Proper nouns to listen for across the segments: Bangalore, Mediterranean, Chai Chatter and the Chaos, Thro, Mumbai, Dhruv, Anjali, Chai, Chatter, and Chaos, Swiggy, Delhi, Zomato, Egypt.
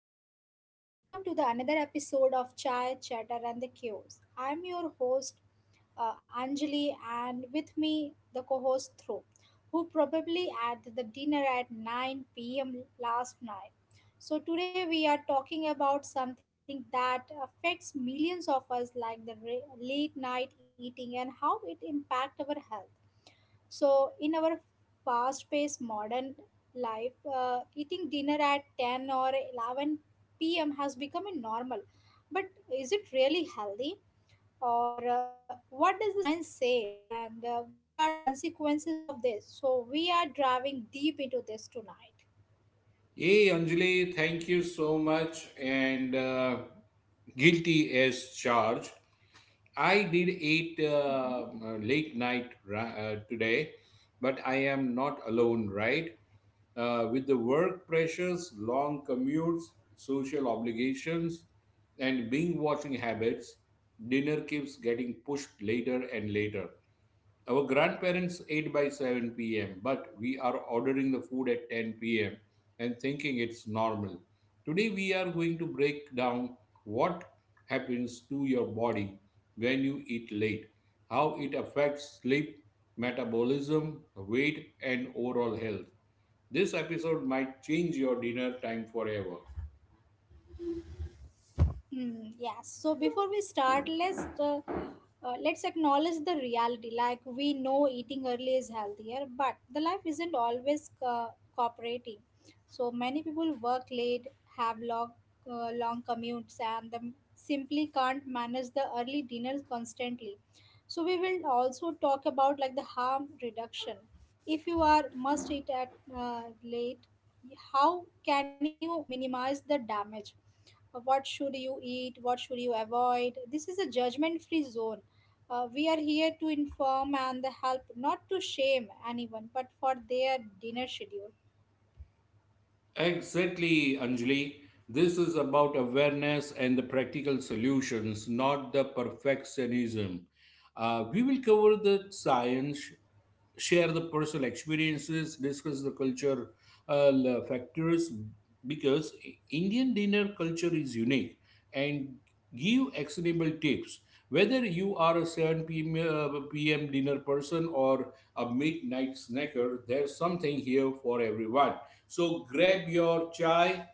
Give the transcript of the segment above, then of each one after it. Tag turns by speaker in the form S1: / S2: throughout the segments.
S1: everyone, and welcome to the another episode of Chai Chatter and the Chaos. I'm your host Anjali, and with me the co-host Thro, who probably at the dinner at 9 p.m. last night. So today we are talking about something that affects millions of us, like the late night eating and how it impacts our health. So, in our fast paced modern life, eating dinner at 10 or 11 p.m. has become a normal. But is it really healthy? Or what does the science say? And what are the consequences of this? So, we are driving deep into this tonight.
S2: Hey Anjali, thank you so much. And guilty as charged. I did eat
S1: Mhm.
S2: uh, late night ra- uh, today, but I am not alone, right? With the work pressures, long commutes, social obligations, and being watching habits, dinner keeps getting pushed later and later. Our grandparents ate by 7 p.m., but we are ordering the food at 10 p.m. and thinking it's normal. Today, we are going to break down what happens to your body when you eat late, how it affects sleep, metabolism, weight, and overall health. This episode might change your dinner time forever.
S1: Hmm, yes. So before we start, let's acknowledge the reality. Like we know eating early is healthier, but the life isn't always cooperating. So many people work late, have long long commutes, and them simply can't manage the early dinners constantly. So we will also talk about like the harm reduction. If you are must eat at late, how can you minimize the damage? What should you eat, what should you avoid? This is a judgment free zone. We are here to inform and help, not to shame anyone but for their dinner schedule.
S2: Exactly, Anjali. This is about awareness and the practical solutions, not the perfectionism. We will cover the science, share the personal experiences, discuss the culture factors because Indian dinner culture is unique and give actionable tips. Whether you are a 7 p.m. uh, PM dinner person or a midnight snacker, there's something here for everyone. So grab your chai,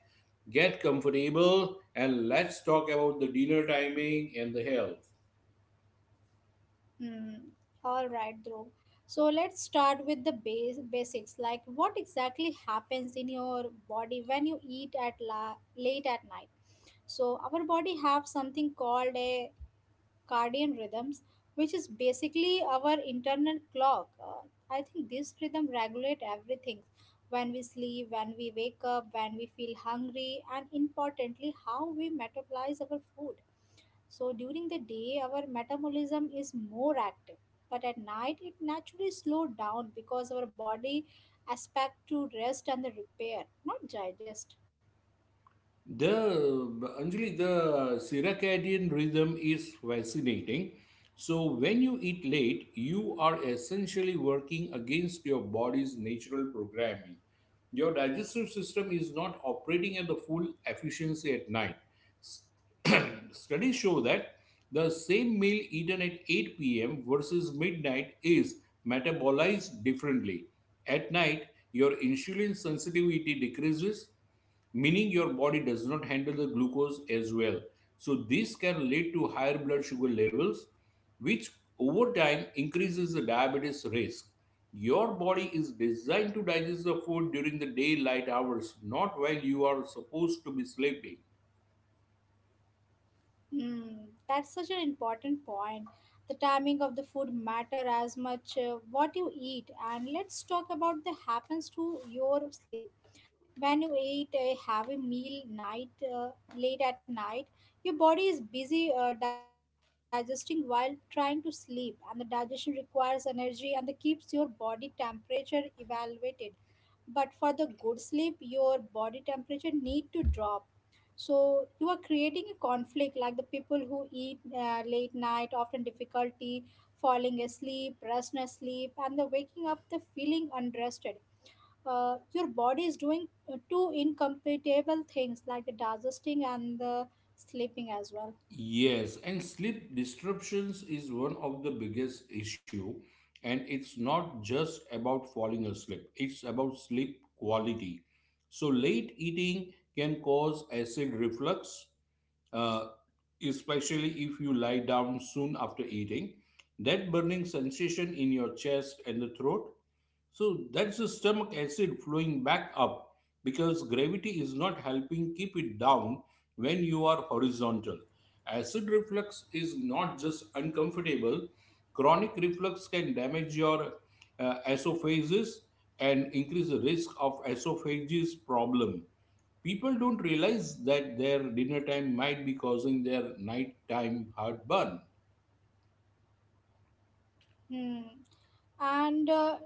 S2: get comfortable, and let's talk about the dinner timing and the health.
S1: Hmm. All right, Dhruv. So let's start with the basics, like what exactly happens in your body when you eat at late at night. So our body have something called a circadian rhythms, which is basically our internal clock. I think this rhythm regulate everything: when we sleep, when we wake up, when we feel hungry, and importantly, how we metabolize our food. So during the day, our metabolism is more active, but at night it naturally slows down because our body expect to rest and the repair, not digest.
S2: The Anjali, the circadian rhythm is fascinating. So when you eat late, you are essentially working against your body's natural programming. Your digestive system is not operating at the full efficiency at night. S- Studies show that the same meal eaten at 8 p.m. versus midnight is metabolized differently. At night, your insulin sensitivity decreases meaning your body does not handle the glucose as well. So, this can lead to higher blood sugar levels, which over time increases the diabetes risk. Your body is designed to digest the food during the daylight hours, not while you are supposed to be sleeping.
S1: Mm, that's such an important point. The timing of the food matter as much what you eat. And let's talk about the happens to your sleep. When you eat a heavy meal night late at night, your body is busy digesting while trying to sleep, and the digestion requires energy and that keeps your body temperature elevated. But for the good sleep your body temperature need to drop, so you are creating a conflict. Like the people who eat late night often difficulty falling asleep, restless sleep, and the waking up the feeling unrested. Your body is doing two incompatible things, like the digesting and the sleeping as well.
S2: Yes, and sleep disruptions is one of the biggest issue and it's not just about falling asleep, it's about sleep quality. So late eating can cause acid reflux, uh, especially if you lie down soon after eating. That burning sensation in your chest and the throat so that's the stomach acid flowing back up because gravity is not helping keep it down when you are horizontal. Acid reflux is not just uncomfortable, chronic reflux can damage your esophagus and increase the risk of esophagus problem. People don't realize that their dinner time might be causing their nighttime heartburn.
S1: Hmm. And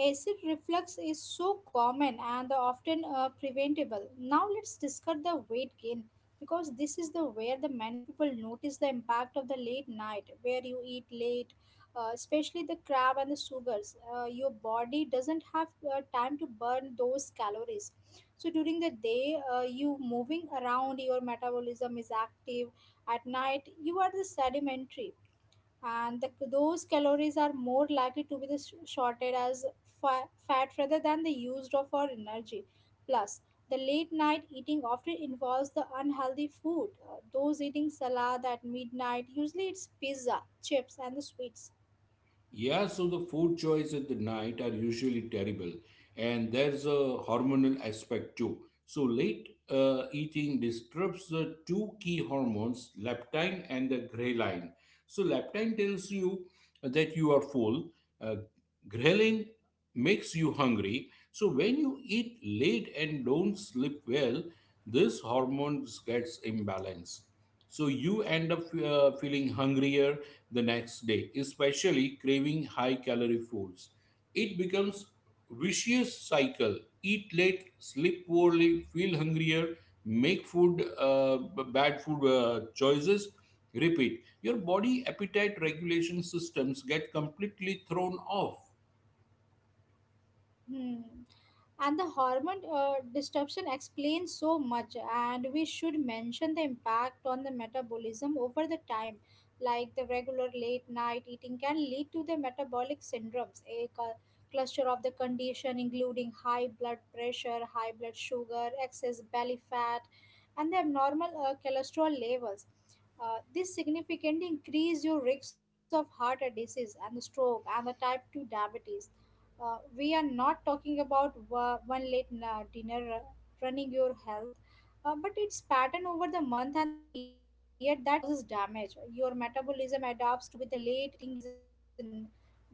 S1: acid reflux is so common and often preventable. Now let's discuss the weight gain, because this is the where the many people notice the impact of the late night. Where you eat late, especially the crab and the sugars. Your body doesn't have time to burn those calories. So during the day, you moving around, your metabolism is active. At night, you are the sedimentary, and those calories are more likely to be the shorted as fat rather than the used of our energy. Plus the late night eating often involves the unhealthy food. Uh, those eating salad at midnight, usually it's pizza, chips, and the sweets.
S2: Yeah, so the food choice at the night are usually terrible, and there's a hormonal aspect too. So late eating disrupts the two key hormones, leptin and the ghrelin. So leptin tells you that you are full. Uh, Ghrelin makes you hungry. So when you eat late and don't sleep well, this hormone gets imbalanced. So you end up feeling hungrier the next day, especially craving high calorie foods. It becomes vicious cycle. Eat late, sleep poorly, feel hungrier, make bad food choices. Repeat. Your body appetite regulation systems get completely thrown off
S1: Hmm. And the hormone disruption explains so much. And we should mention the impact on the metabolism over the time. Like the regular late night eating can lead to the metabolic syndromes, a cluster of the condition including high blood pressure, high blood sugar, excess belly fat, and the abnormal cholesterol levels. Uh, this significantly increase your risk of heart disease and stroke and the type 2 diabetes. Uh, we are not talking about one late dinner running your health, but it's pattern over the month and the year that causes damage. Your metabolism adapts to with the late eating is in na-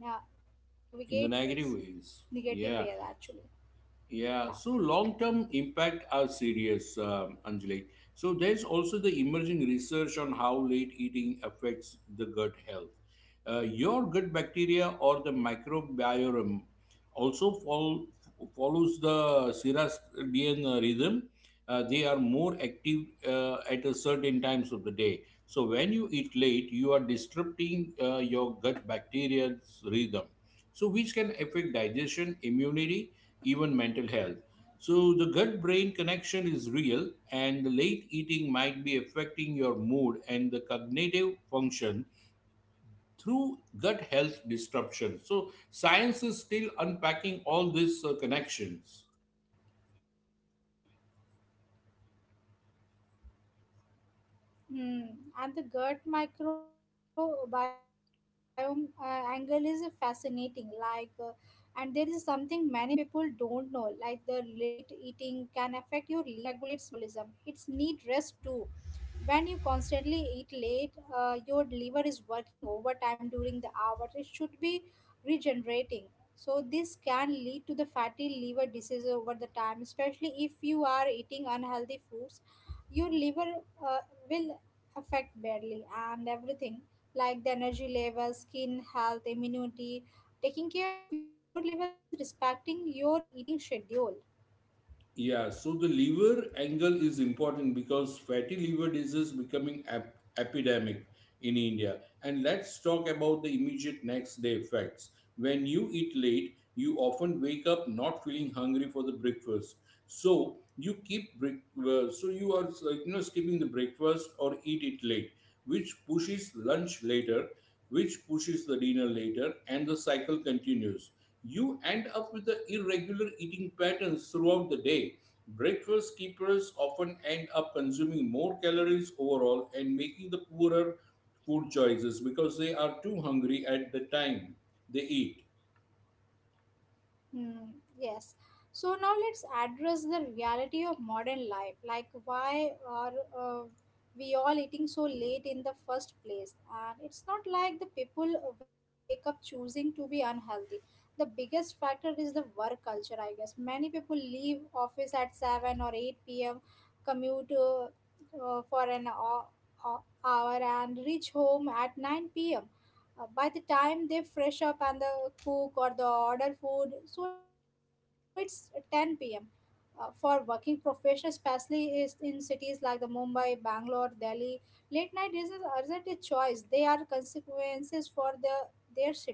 S1: navigate ways,
S2: in the negative
S1: negative
S2: ways.
S1: ways
S2: Yeah.
S1: actually. Yeah.
S2: Yeah, so long term impact are serious, Anjali. So there's also the emerging research on how late eating affects the gut health. Your gut bacteria or the microbiome also follows the circadian rhythm. They are more active at a certain times of the day. So when you eat late, you are disrupting your gut bacteria's rhythm. So which can affect digestion, immunity even mental health. So, the gut brain connection is real, and the late eating might be affecting your mood and the cognitive function through gut health disruption. So, science is still unpacking all these connections.
S1: Hmm. And the gut microbiome angle is fascinating. Like, and there is something many people don't know. Like, the late eating can affect your liver. Your liver process nutrients, detoxifies, and regulates metabolism. It's need rest too. When you constantly eat late, your liver is working overtime during the hour it should be regenerating. So this can lead to the fatty liver disease over the time, especially if you are eating unhealthy foods. Your liver uh, will affect badly, and everything like the energy level, skin health, immunity. Taking care of your liver means respecting your eating schedule.
S2: Yeah, so the liver angle is important because fatty liver disease is becoming epidemic in India. And let's talk about the immediate next day effects. When you eat late, you often wake up not feeling hungry for the breakfast. So you keep break- so you are you know skipping the breakfast or eat it late, which pushes lunch later, which pushes the dinner later, and the cycle continues you end up with the irregular eating patterns throughout the day. Breakfast keepers often end up consuming more calories overall and making the poorer food choices because they are too hungry at the time they eat.
S1: Hmm, yes. So now let's address the reality of modern life. Like, why are uh, we all eating so late in the first place? And it's not like the people wake up choosing to be unhealthy. The biggest factor is the work culture, I guess. Many people leave office at 7 or 8 p.m., commute for an hour, and reach home at 9 p.m. By the time they fresh up and the cook or the order food, so it's 10 p.m. For working professionals, especially is in cities like the Mumbai, Bangalore, Delhi, late night is isn't a choice. They are consequences for their schedule.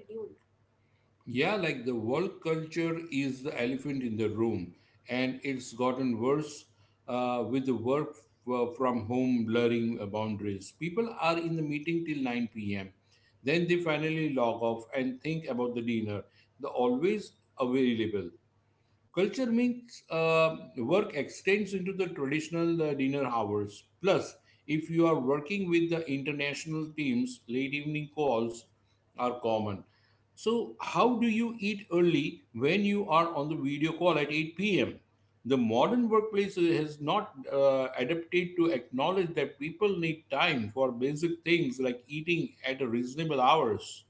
S2: Yeah, like the work culture is the elephant in the room, and it's gotten worse with the work from home blurring boundaries. People are in the meeting till 9 p.m., then they finally log off and think about the dinner. The always available. Culture means work extends into the traditional dinner hours. Plus, if you are working with the international teams, late evening calls are common. So, how do you eat early when you are on the video call at 8 p.m.? The modern workplace has not adapted to acknowledge that people need time for basic things like eating at reasonable hours.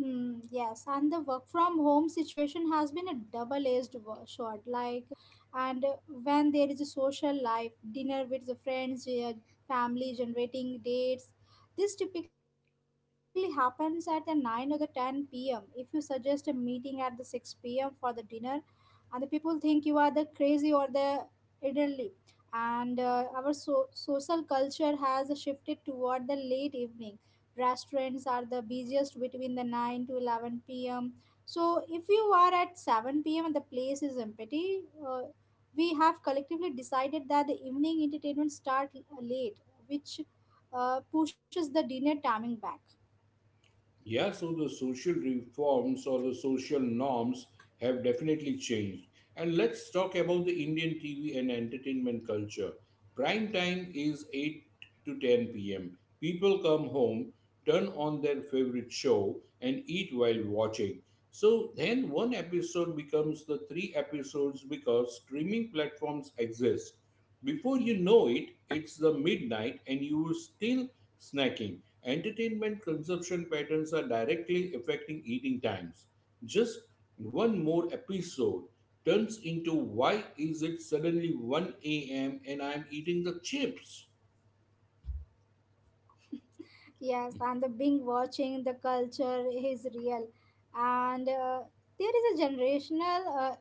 S1: Hmm, yes, and the work from home situation has been a double edged sword. Like, and when there is a social life, dinner with the friends, family, generating dates, this typically happens at the 9 or the 10 p.m. If you suggest a meeting at the 6 p.m. for the dinner, and the people think you are the crazy or the elderly. And our social culture has shifted toward the late evening. Restaurants are the busiest between the 9 to 11 p.m. So if you are at 7 p.m. and the place is empty, we have collectively decided that the evening entertainment start late, which pushes the dinner timing back.
S2: Yeah, so the social reforms or the social norms have definitely changed. And let's talk about the Indian TV and entertainment culture. Prime time is 8 to 10 pm. People come home, turn on their favorite show, and eat while watching. So then one episode becomes the three episodes because streaming platforms exist. Before you know it, it's the midnight and you still snacking. Entertainment consumption patterns are directly affecting eating times. Just one more episode turns into why is it suddenly 1 a.m. and I'm eating the chips?
S1: Yes, and the being watching the culture is real, and there is a generational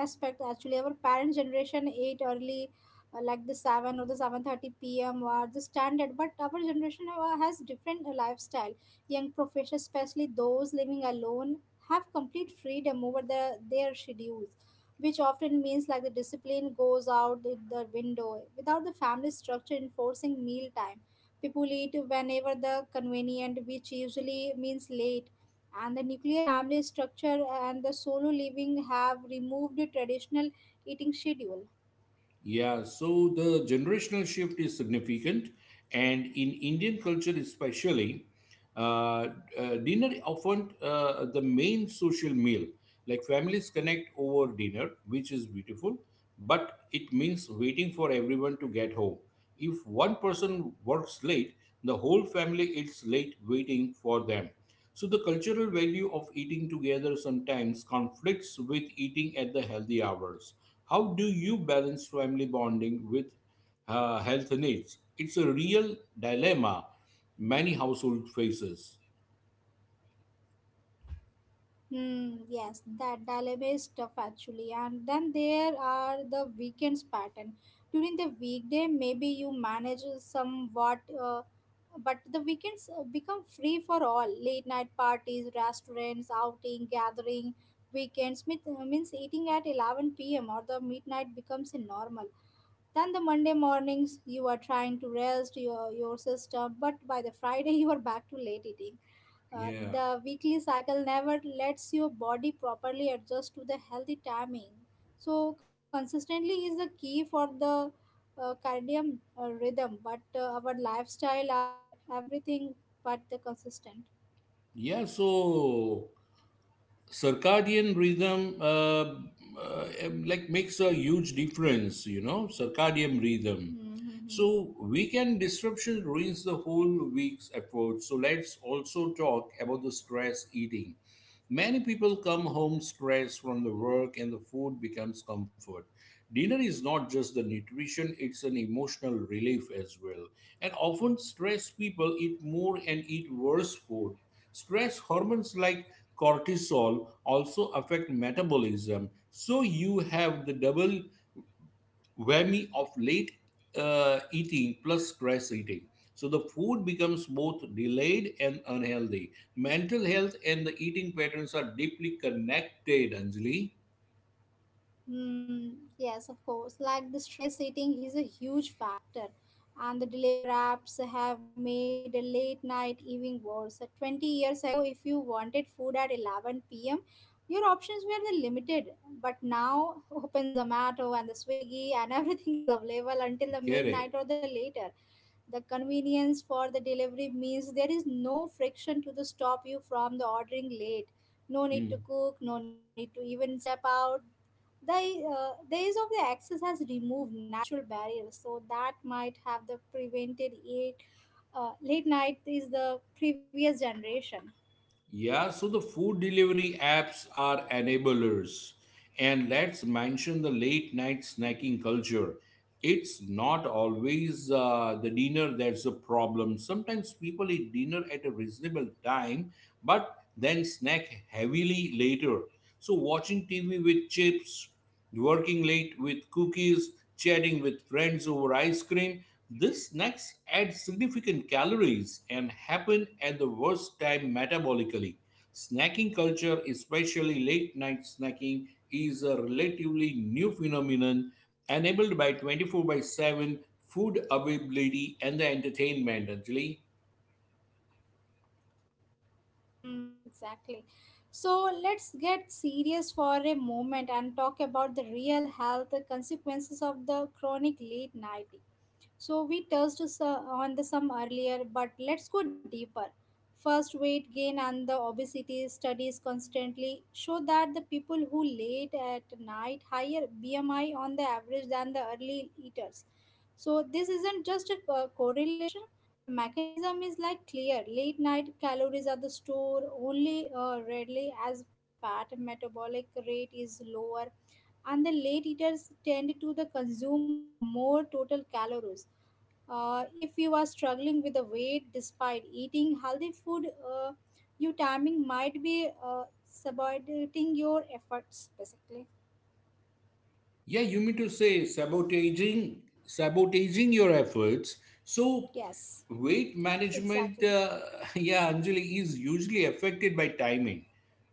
S1: aspect actually. Our parent generation ate early, like the 7 or the 7:30 p.m. or the standard, but our generation has different lifestyle. Young professionals, especially those living alone, have complete freedom over their schedules, which often means like the discipline goes out the window. Without the family structure enforcing meal time, people eat whenever the convenient, which usually means late. And the nuclear family structure and the solo living have removed the traditional eating schedule.
S2: Yeah, so the generational shift is significant, and in Indian culture especially, uh, dinner often the main social meal. Like families connect over dinner, which is beautiful, but it means waiting for everyone to get home. If one person works late, the whole family is late waiting for them. So the cultural value of eating together sometimes conflicts with eating at the healthy hours. How do you balance family bonding with health needs? It's a real dilemma many household faces.
S1: Hmm, yes, that dilemma is tough actually. And then there are the weekends pattern. During the weekday, maybe you manage somewhat, but the weekends become free for all. Late night parties, restaurants, outing, gathering. Weekends meet means eating at 11 p.m. or the midnight becomes a normal. Then the Monday mornings, you are trying to rest your system, but by the Friday, you are back to late eating.
S2: Yeah.
S1: The weekly cycle never lets your body properly adjust to the healthy timing. So, consistently is the key for the cardium rhythm, but our lifestyle are everything but the consistent.
S2: Yeah, so circadian rhythm uh, like makes a huge difference you know circadian rhythm
S1: Mm-hmm.
S2: so weekend disruption ruins the whole week's effort so let's also talk about the stress eating many people come home stressed from the work and the food becomes comfort dinner is not just the nutrition it's an emotional relief as well and often stressed people eat more and eat worse food. Stress hormones like cortisol also affect metabolism. So you have the double whammy of late eating plus stress eating. So the food becomes both delayed and unhealthy. Mental health and the eating patterns are deeply connected, Anjali.
S1: Mm, yes, of course. Like the stress eating is a huge factor, and the deliver apps have made a late night eating worse. 20 years ago, if you wanted food at 11 p.m., your options were the limited. But now, open Zomato and the Swiggy, and everything is available until the midnight
S2: Correct.
S1: or the later. The convenience for the delivery means there is no friction to the stop you from the ordering late. No need to
S2: Hmm.
S1: cook, no need to even step out. The days of the access has removed natural barriers so that might have the prevented it. Uh, late night is the previous generation.
S2: Yeah, so the food delivery apps are enablers. And let's mention the late night
S1: Hmm.
S2: snacking culture. It's not always the dinner that's the problem. Sometimes people eat dinner at a reasonable time, but then snack heavily later. So, watching TV with chips, working late with cookies, chatting with friends over ice cream, these snacks add significant calories and happen at the worst time metabolically. Snacking culture, especially late night snacking, is a relatively new phenomenon enabled by 24 by 7 food availability and the entertainment, Anjali.
S1: Hmm, exactly. So let's get serious for a moment and talk about the real health consequences of the chronic late night. So we touched on the some earlier, but let's go deeper. First, weight gain and the obesity. Studies constantly show that the people who late at night higher BMI on the average than the early eaters. So this isn't just a correlation. The mechanism is like clear. Late night calories are the stored only readily as fat, metabolic rate is lower, and the late eaters tend to the consume more total calories. If you are struggling with the weight despite eating healthy food, your timing might be subordinating your efforts, basically.
S2: Yeah, you mean to say sabotaging your efforts. So
S1: Yes,
S2: weight management,
S1: exactly.
S2: yeah, Anjali is usually affected by timing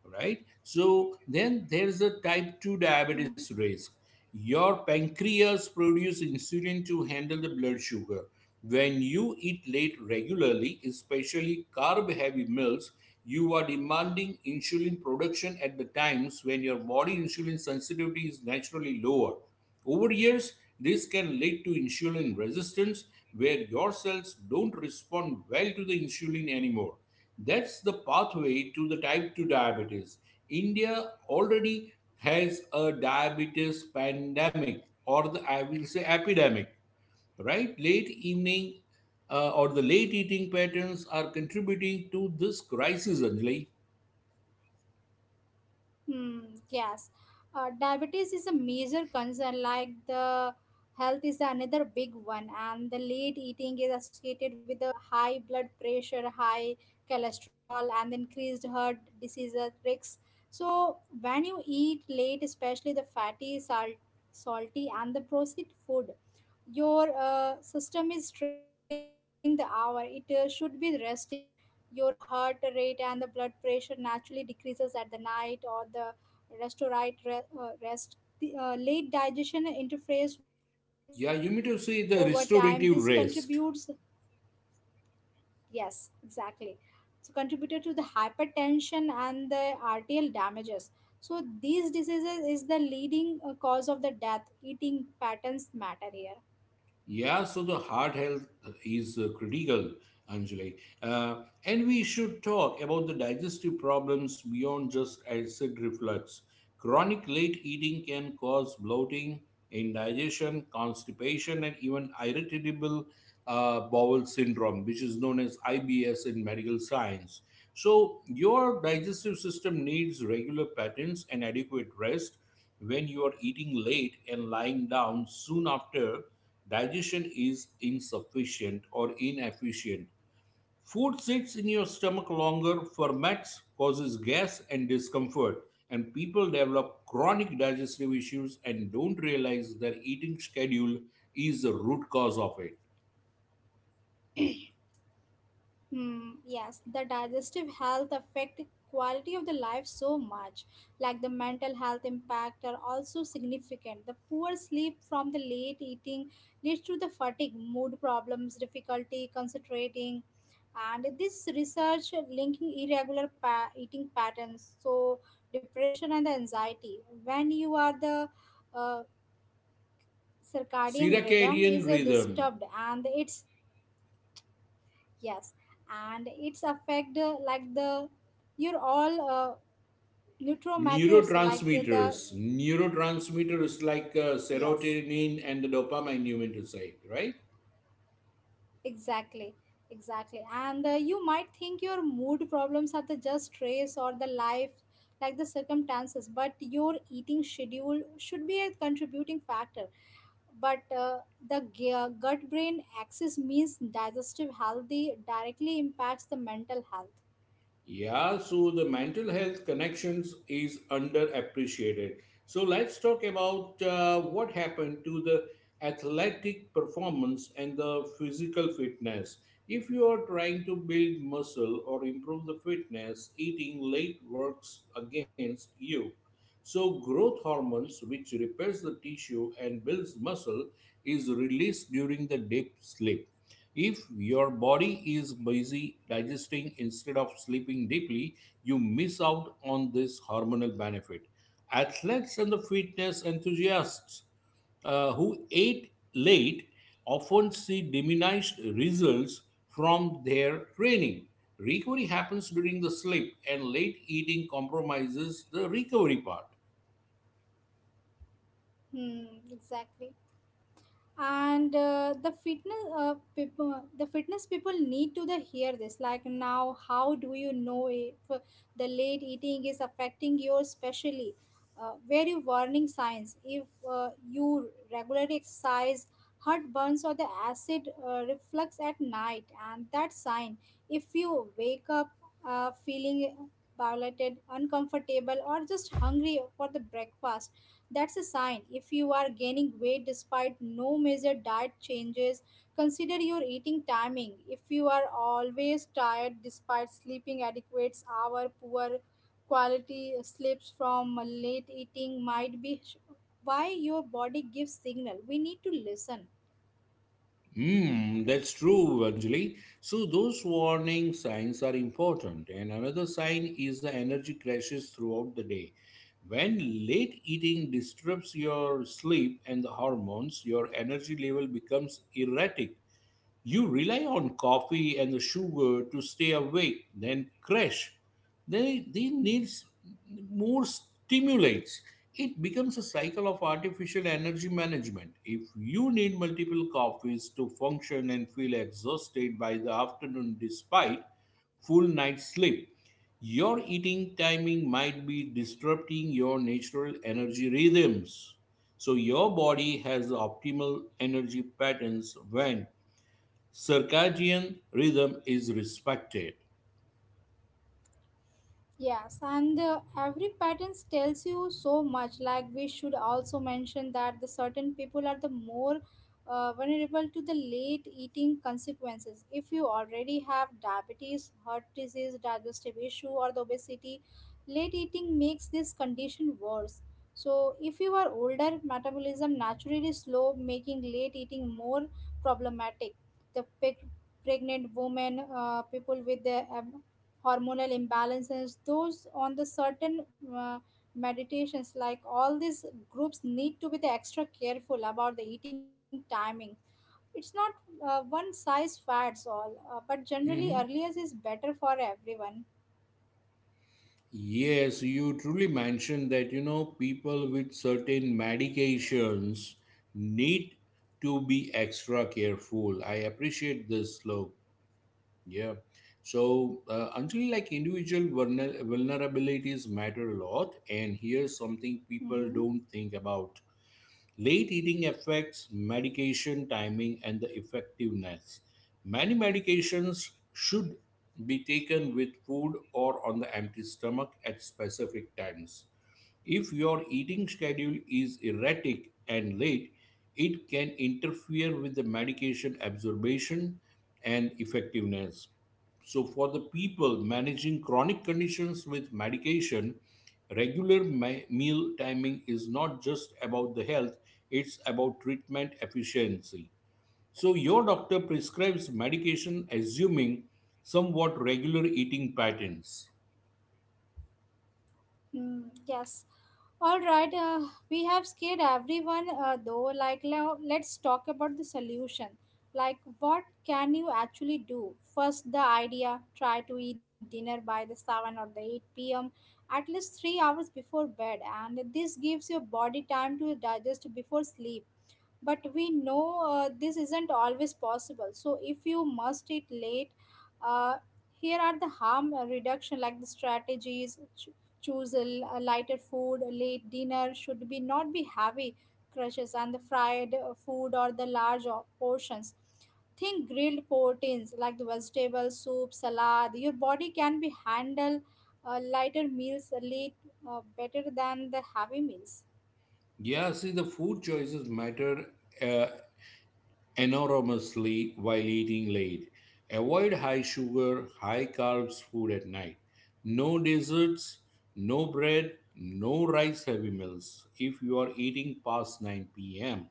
S2: right? So then there's a type 2
S1: Hmm.
S2: diabetes risk. Your pancreas produces insulin to handle the blood sugar. When you eat late regularly, especially carb heavy meals, you are demanding insulin production at the times when your body insulin sensitivity is naturally lower. Over years, this can lead to insulin resistance where your cells don't respond well to the insulin anymore. That's the pathway to the type 2 diabetes. India already has a diabetes pandemic or the I will say epidemic, right? Late evening or the Late eating patterns are contributing to this crisis, Anjali.
S1: Hmm, yes. Diabetes is a major concern, like the health is another big one, and the late eating is associated with the high blood pressure, high cholesterol, and increased heart disease risks. So when you eat late, especially the fatty, salt, salty, and the processed food, your system is stressed during the hour. It should be resting. Your heart rate and the blood pressure naturally decreases at the night or the restorate, rest. The late digestion interferes with these.
S2: Yeah, you mean to
S1: Over
S2: say the
S1: time, this
S2: restorative
S1: contributes,
S2: rest.
S1: yes, exactly. So contributed to the hypertension and the arterial damages. So these diseases is the leading cause of the death. Eating patterns matter here.
S2: Yeah, so the heart health is critical, Anjali. Uh, And we should talk about the digestive problems beyond just acid reflux. Chronic late eating can cause bloating, indigestion, constipation, and even irritable bowel syndrome, which is known as IBS in medical science. So, your digestive system needs regular patterns and adequate rest. When you are eating late and lying down soon after, digestion is insufficient or inefficient. Food sits in your stomach longer, ferments, causes gas and discomfort, and people develop chronic digestive issues and don't realize their eating schedule is the root cause of it.
S1: Hmm, yes, the digestive health affect the quality of the life so much. Like the mental health impact are also significant. The poor sleep from the late eating leads to the fatigue, mood problems, difficulty concentrating, and this research linking eating patterns, so depression and the anxiety. When you are the uh, circadian rhythm
S2: Circadian
S1: is
S2: rhythm,
S1: disturbed and it's... Yes, and it's affect like the your all neuromatters like the
S2: neurotransmitters. Neurotransmitters like
S1: yes,
S2: serotonin and the dopamine, you mean to say, right?
S1: exactly, exactly, and you might think your mood problems are the just stress or the life like the circumstances, but your eating schedule should be a contributing factor, but the gut brain axis means digestive healthy directly impacts the mental health.
S2: Yeah, so the mental health connections is underappreciated. So let's talk about what happened to the athletic performance and the physical fitness. If you are trying to build muscle or improve the fitness, eating late works against you. So growth hormones, which repairs the tissue and builds muscle, is released during the deep sleep. If your body is busy digesting instead of sleeping deeply, you miss out on this hormonal benefit. Athletes and the fitness enthusiasts who ate late often see diminished results from their training. Recovery happens during the sleep, and late eating compromises the recovery part.
S1: Hmm, exactly, and the fitness people need to the hear this. Like, now how do you know if the late eating is affecting you, especially very warning signs? If you regularly exercise, heartburns or the acid reflux at night, and that sign. If you wake up feeling bloated, uncomfortable, or just hungry for the breakfast, that's a sign. If you are gaining weight despite no major diet changes, consider your eating timing. If you are always tired despite sleeping adequate hours, poor quality sleeps from late eating might be sh- why your body gives signal. We need to listen.
S2: Hmm, that's true, Anjali. So those warning signs are important, and another sign is the energy crashes throughout the day. When late eating disturbs your sleep and the hormones, your energy level becomes erratic. You rely on coffee and the sugar to stay awake, then crash. They need more stimulates. It becomes a cycle of artificial energy management. If you need multiple coffees to function and feel exhausted by the afternoon despite full night sleep, your eating timing might be disrupting your natural energy rhythms. So your body has optimal energy patterns when circadian rhythm is respected.
S1: Yes, and every pattern tells you so much. Like, we should also mention that the certain people are the more vulnerable to the late eating consequences. If you already have diabetes, heart disease, digestive issue, or the obesity, late eating makes this condition worse. So, if you are older, metabolism naturally slow, making late eating more problematic. The pe- Pregnant women, people with the hormonal imbalances, those on the certain uh, meditations, like all these groups need to be the extra careful about the eating timing. It's not one size fits all, but generally
S2: Mhm.
S1: earlier is better for everyone.
S2: Yes, you truly mentioned that you know people with certain medications need to be extra careful. I appreciate this, slope. Yeah. So, until like individual vulnerabilities matter a lot, and here's something people don't
S1: Hmm.
S2: think about. Late eating affects medication timing and the effectiveness. Many medications should be taken with food or on the empty stomach at specific times. If your eating schedule is erratic and late, it can interfere with the medication absorption and effectiveness. So, for the people managing chronic conditions with medication, regular meal timing is not just about the health, it's about treatment efficiency. So, your doctor prescribes medication assuming somewhat regular eating patterns.
S1: Mm, yes. All right. We have scared everyone, though. Like, now let's talk about the solution. Like, what can you actually do? First, the idea: try to eat dinner by the 7 or the 8 p.m., at least 3 hours before bed. And this gives your body time to digest before sleep, but we know this isn't always possible. So if you must eat late, uh, here are the harm reduction like the strategies. Choose a, a lighter food. A late dinner should be not be heavy crushes and the fried food or the large portions. Think grilled proteins like the vegetable soup salad. Your body can be handle lighter meals late, better than the heavy meals.
S2: Yeah, see, the food choices matter uh, enormously while eating late. Avoid high sugar, high carbs food at night. No desserts, no bread, no rice heavy meals if you are eating past 9 pm.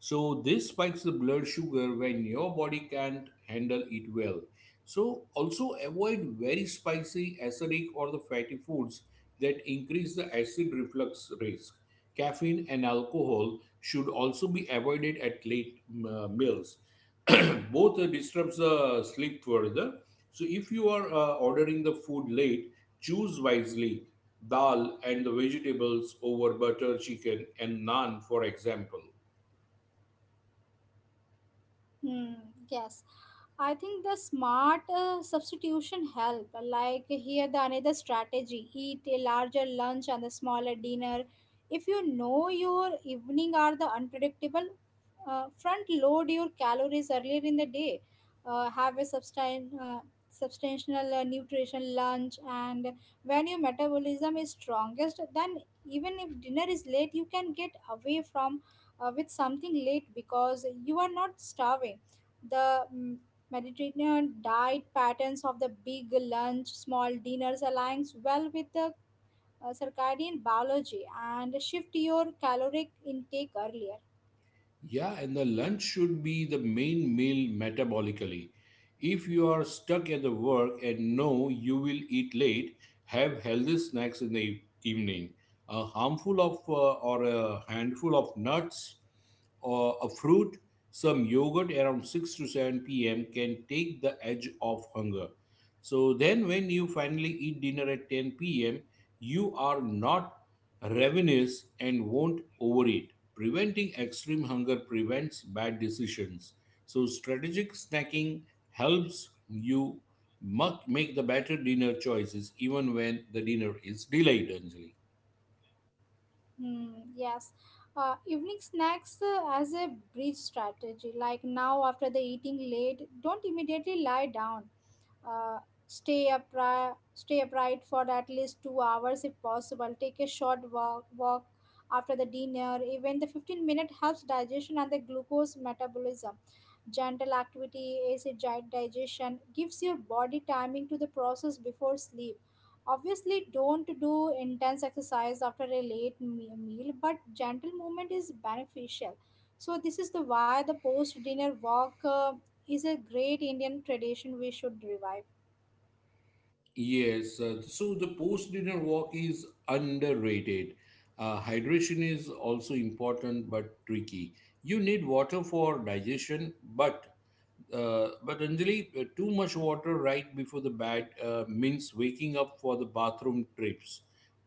S2: So this spikes the blood sugar when your body can't handle it well. So also avoid very spicy, acidic or the fatty foods that increase the acid reflux risk. Caffeine and alcohol should also be avoided at late meals. Both disrupts the sleep further. So if you are ordering the food late, choose wisely. Dal and the vegetables over butter chicken and naan, for example.
S1: Hmm, yes, I think the smart substitution help. Like, here, the another strategy: eat a larger lunch and a smaller dinner. If you know your evening are the unpredictable, front load your calories earlier in the day. Have a substantial nutrition lunch, and when your metabolism is strongest, then even if dinner is late, you can get away from with something late because you are not starving. The Mediterranean diet patterns of the big lunch, small dinners aligns well with the circadian biology, and shift your caloric intake earlier.
S2: Yeah, and the lunch should be the main meal metabolically. If you are stuck at the work and know you will eat late, have healthy snacks in the evening. A handful of nuts or a fruit, some yogurt around 6 to 7 p.m. can take the edge off hunger. So then when you finally eat dinner at 10 p.m., you are not Reminisce and won't overeat. Preventing extreme hunger prevents bad decisions. So, strategic snacking helps you make the better dinner choices even when the dinner is delayed, Anjali.
S1: Hmm, yes. Evening snacks as a bridge strategy. Like, now, after the eating late, don't immediately lie down. uh, stay upright for at least 2 hours if possible. Take a short walk after the dinner. Even the 15-minute helps digestion and the glucose metabolism. Gentle activity acid digestion gives your body timing to the process before sleep. Obviously don't do intense exercise after a meal, but gentle movement is beneficial. So this is the why the post dinner walk is a great Indian tradition we should revive.
S2: Yes, so the post dinner walk is underrated. Hydration is also important but tricky. You need water for digestion, but but Anjali, too much water right before the bed means waking up for the bathroom trips.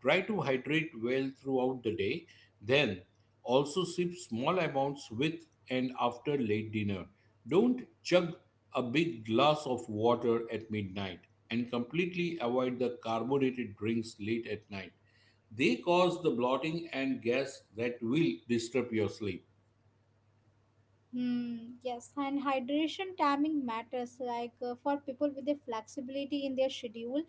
S2: Try to hydrate well throughout the day. Then also sip small amounts with and after late dinner. Don't chug a big glass of water at midnight and completely avoid the carbonated drinks late at night. They cause the bloating and gas that will disturb your sleep.
S1: Hmm, yes, and hydration timing matters. Like, for people with the flexibility in their schedule,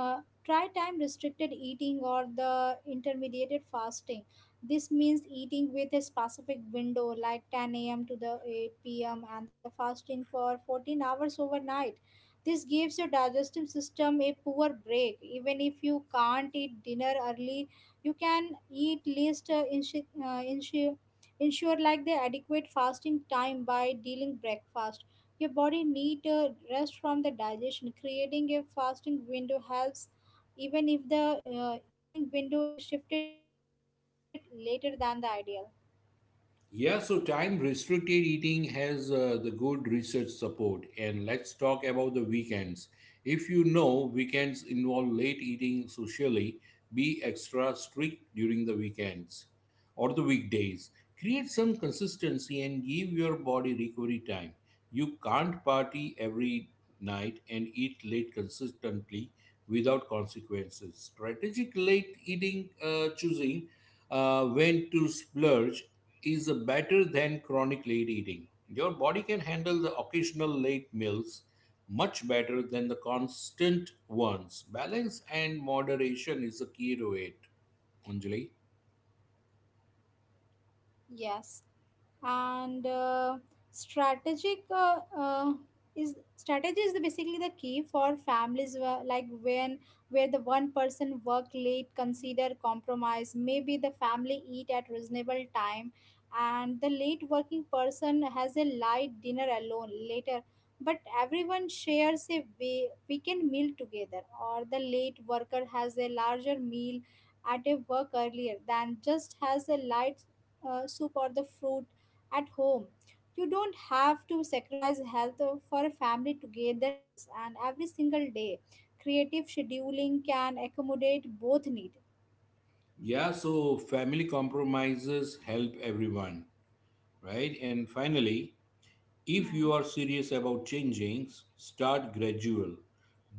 S1: Uh, try time restricted eating or the intermediate fasting. This means eating with a specific window like 10 a.m. to the 8 p.m. and the fasting for 14 hours overnight. This gives your digestive system a poor break. Even if you can't eat dinner early, you can eat ensure like the adequate fasting time by dealing breakfast. Your body need a rest from the digestion. Creating a fasting window helps, even if the eating window is shifted later than the ideal.
S2: Yeah, so time restricted eating has the good research support. And let's talk about the weekends. If you know weekends involve late eating socially, be extra strict during the weekends or the weekdays. Create some consistency and give your body recovery time. You can't party every night and eat late consistently without consequences. Strategic late eating, choosing when to splurge, is better than chronic late eating. Your body can handle the occasional late meals much better than the constant ones. Balance and moderation is the key to it, Anjali.
S1: Yes. And strategic is strategy is basically the key for families where, like, when where the one person work late, consider compromise. Maybe the family eat at reasonable time and the late working person has a light dinner alone later, but everyone shares a weekend meal together, or the late worker has a larger meal at a work earlier than just has a light soup or the fruit at home. You don't have to sacrifice health for a family togetherness, and every single day, creative scheduling can accommodate both needs.
S2: Yeah, so family compromises help everyone, right? And finally, if you are serious about changing, start gradual.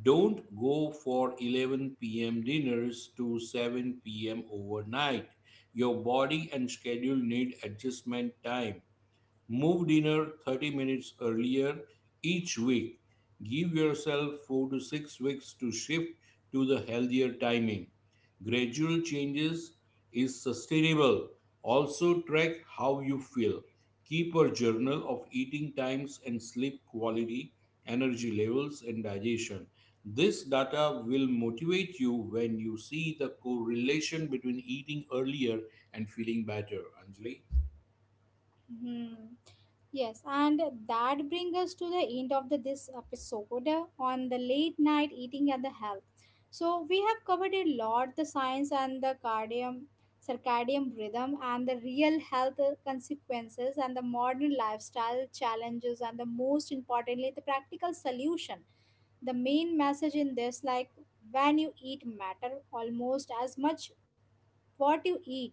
S2: Don't go for 11 p.m. dinners to 7 p.m. overnight. Your body and schedule need adjustment time. Move dinner 30 minutes earlier each week. Give yourself 4 to 6 weeks to shift to the healthier timing. Gradual changes is sustainable. Also, track how you feel. Keep a journal of eating times and sleep quality, energy levels, and digestion. This data will motivate you when you see the correlation between eating earlier and feeling better. Anjali?
S1: Hmm. Yes, and that brings us to the end of the, this episode on the late night eating and the health. So we have covered a lot: the science and the circadian rhythm, and the real health consequences, and the modern lifestyle challenges, and the most importantly, the practical solution. The main message in this like: when you eat matter almost as much what you eat.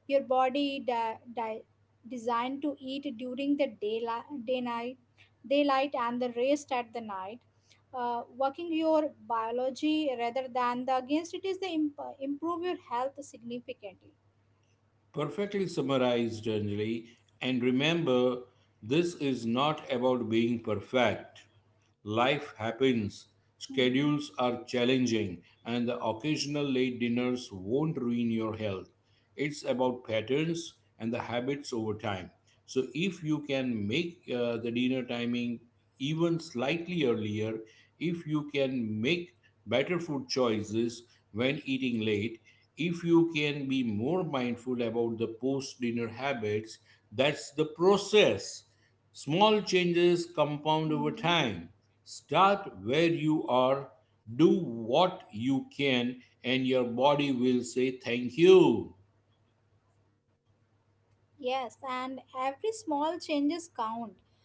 S1: Your body designed to eat during the daylight day night daylight and the rest at the night. Working your biology rather than the against it is improve your health significantly.
S2: Perfectly summarized, Anjali. And remember, this is not about being perfect. Life happens,
S1: Hmm.
S2: schedules are challenging, and the occasional late dinners won't ruin your health. It's about patterns and the habits over time. So, if you can make the dinner timing even slightly earlier, if you can make better food choices when eating late, if you can be more mindful about the post dinner habits, that's the process. Small changes compound over
S1: Hmm.
S2: time. Start where you are, do what you can, and your body will say thank you.
S1: Yes, and every small changes count.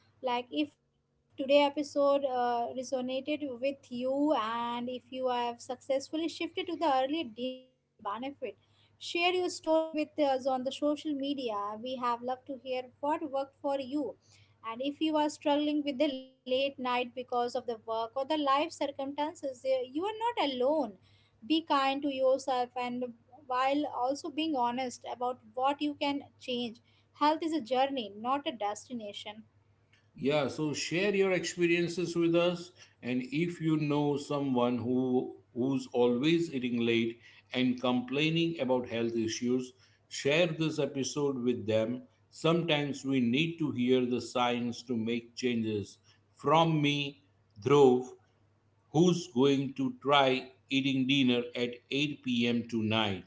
S1: Like, if today episode resonated with you, and if you have successfully shifted to the early dinner and the scene benefit, share your story with us on the social media. We have loved to hear what worked for you, and if you are struggling with the late night because of the work or the life circumstances, eh, you are not alone. Be kind to yourself and while also being honest about what you can change. Health is a journey, not a destination.
S2: Yeah, so share your experiences with us. And if you know someone who's always eating late and complaining about health issues, share this episode with them. Sometimes we need to hear the signs to make changes. From me, Dhruv, who's going to try eating dinner at 8 p.m. tonight.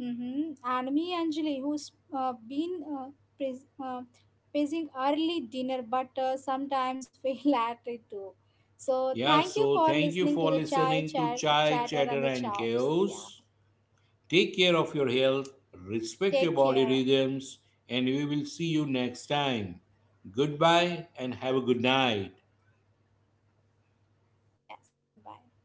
S1: Hmm. And me, Anjali, who's been pres- uh, praising early dinner, but sometimes fail at it too. So
S2: Yeah,
S1: thank you
S2: so
S1: for
S2: thank you
S1: listening
S2: for
S1: to the chai
S2: listening to
S1: chat,
S2: Chai,
S1: chatter
S2: Chatter,
S1: and the
S2: and
S1: chows. Yeah,
S2: Chaos. Take care of your health, respect your
S1: take
S2: body
S1: care.
S2: rhythms, and we will see you next time. Goodbye and have a good night.
S1: Yes, goodbye.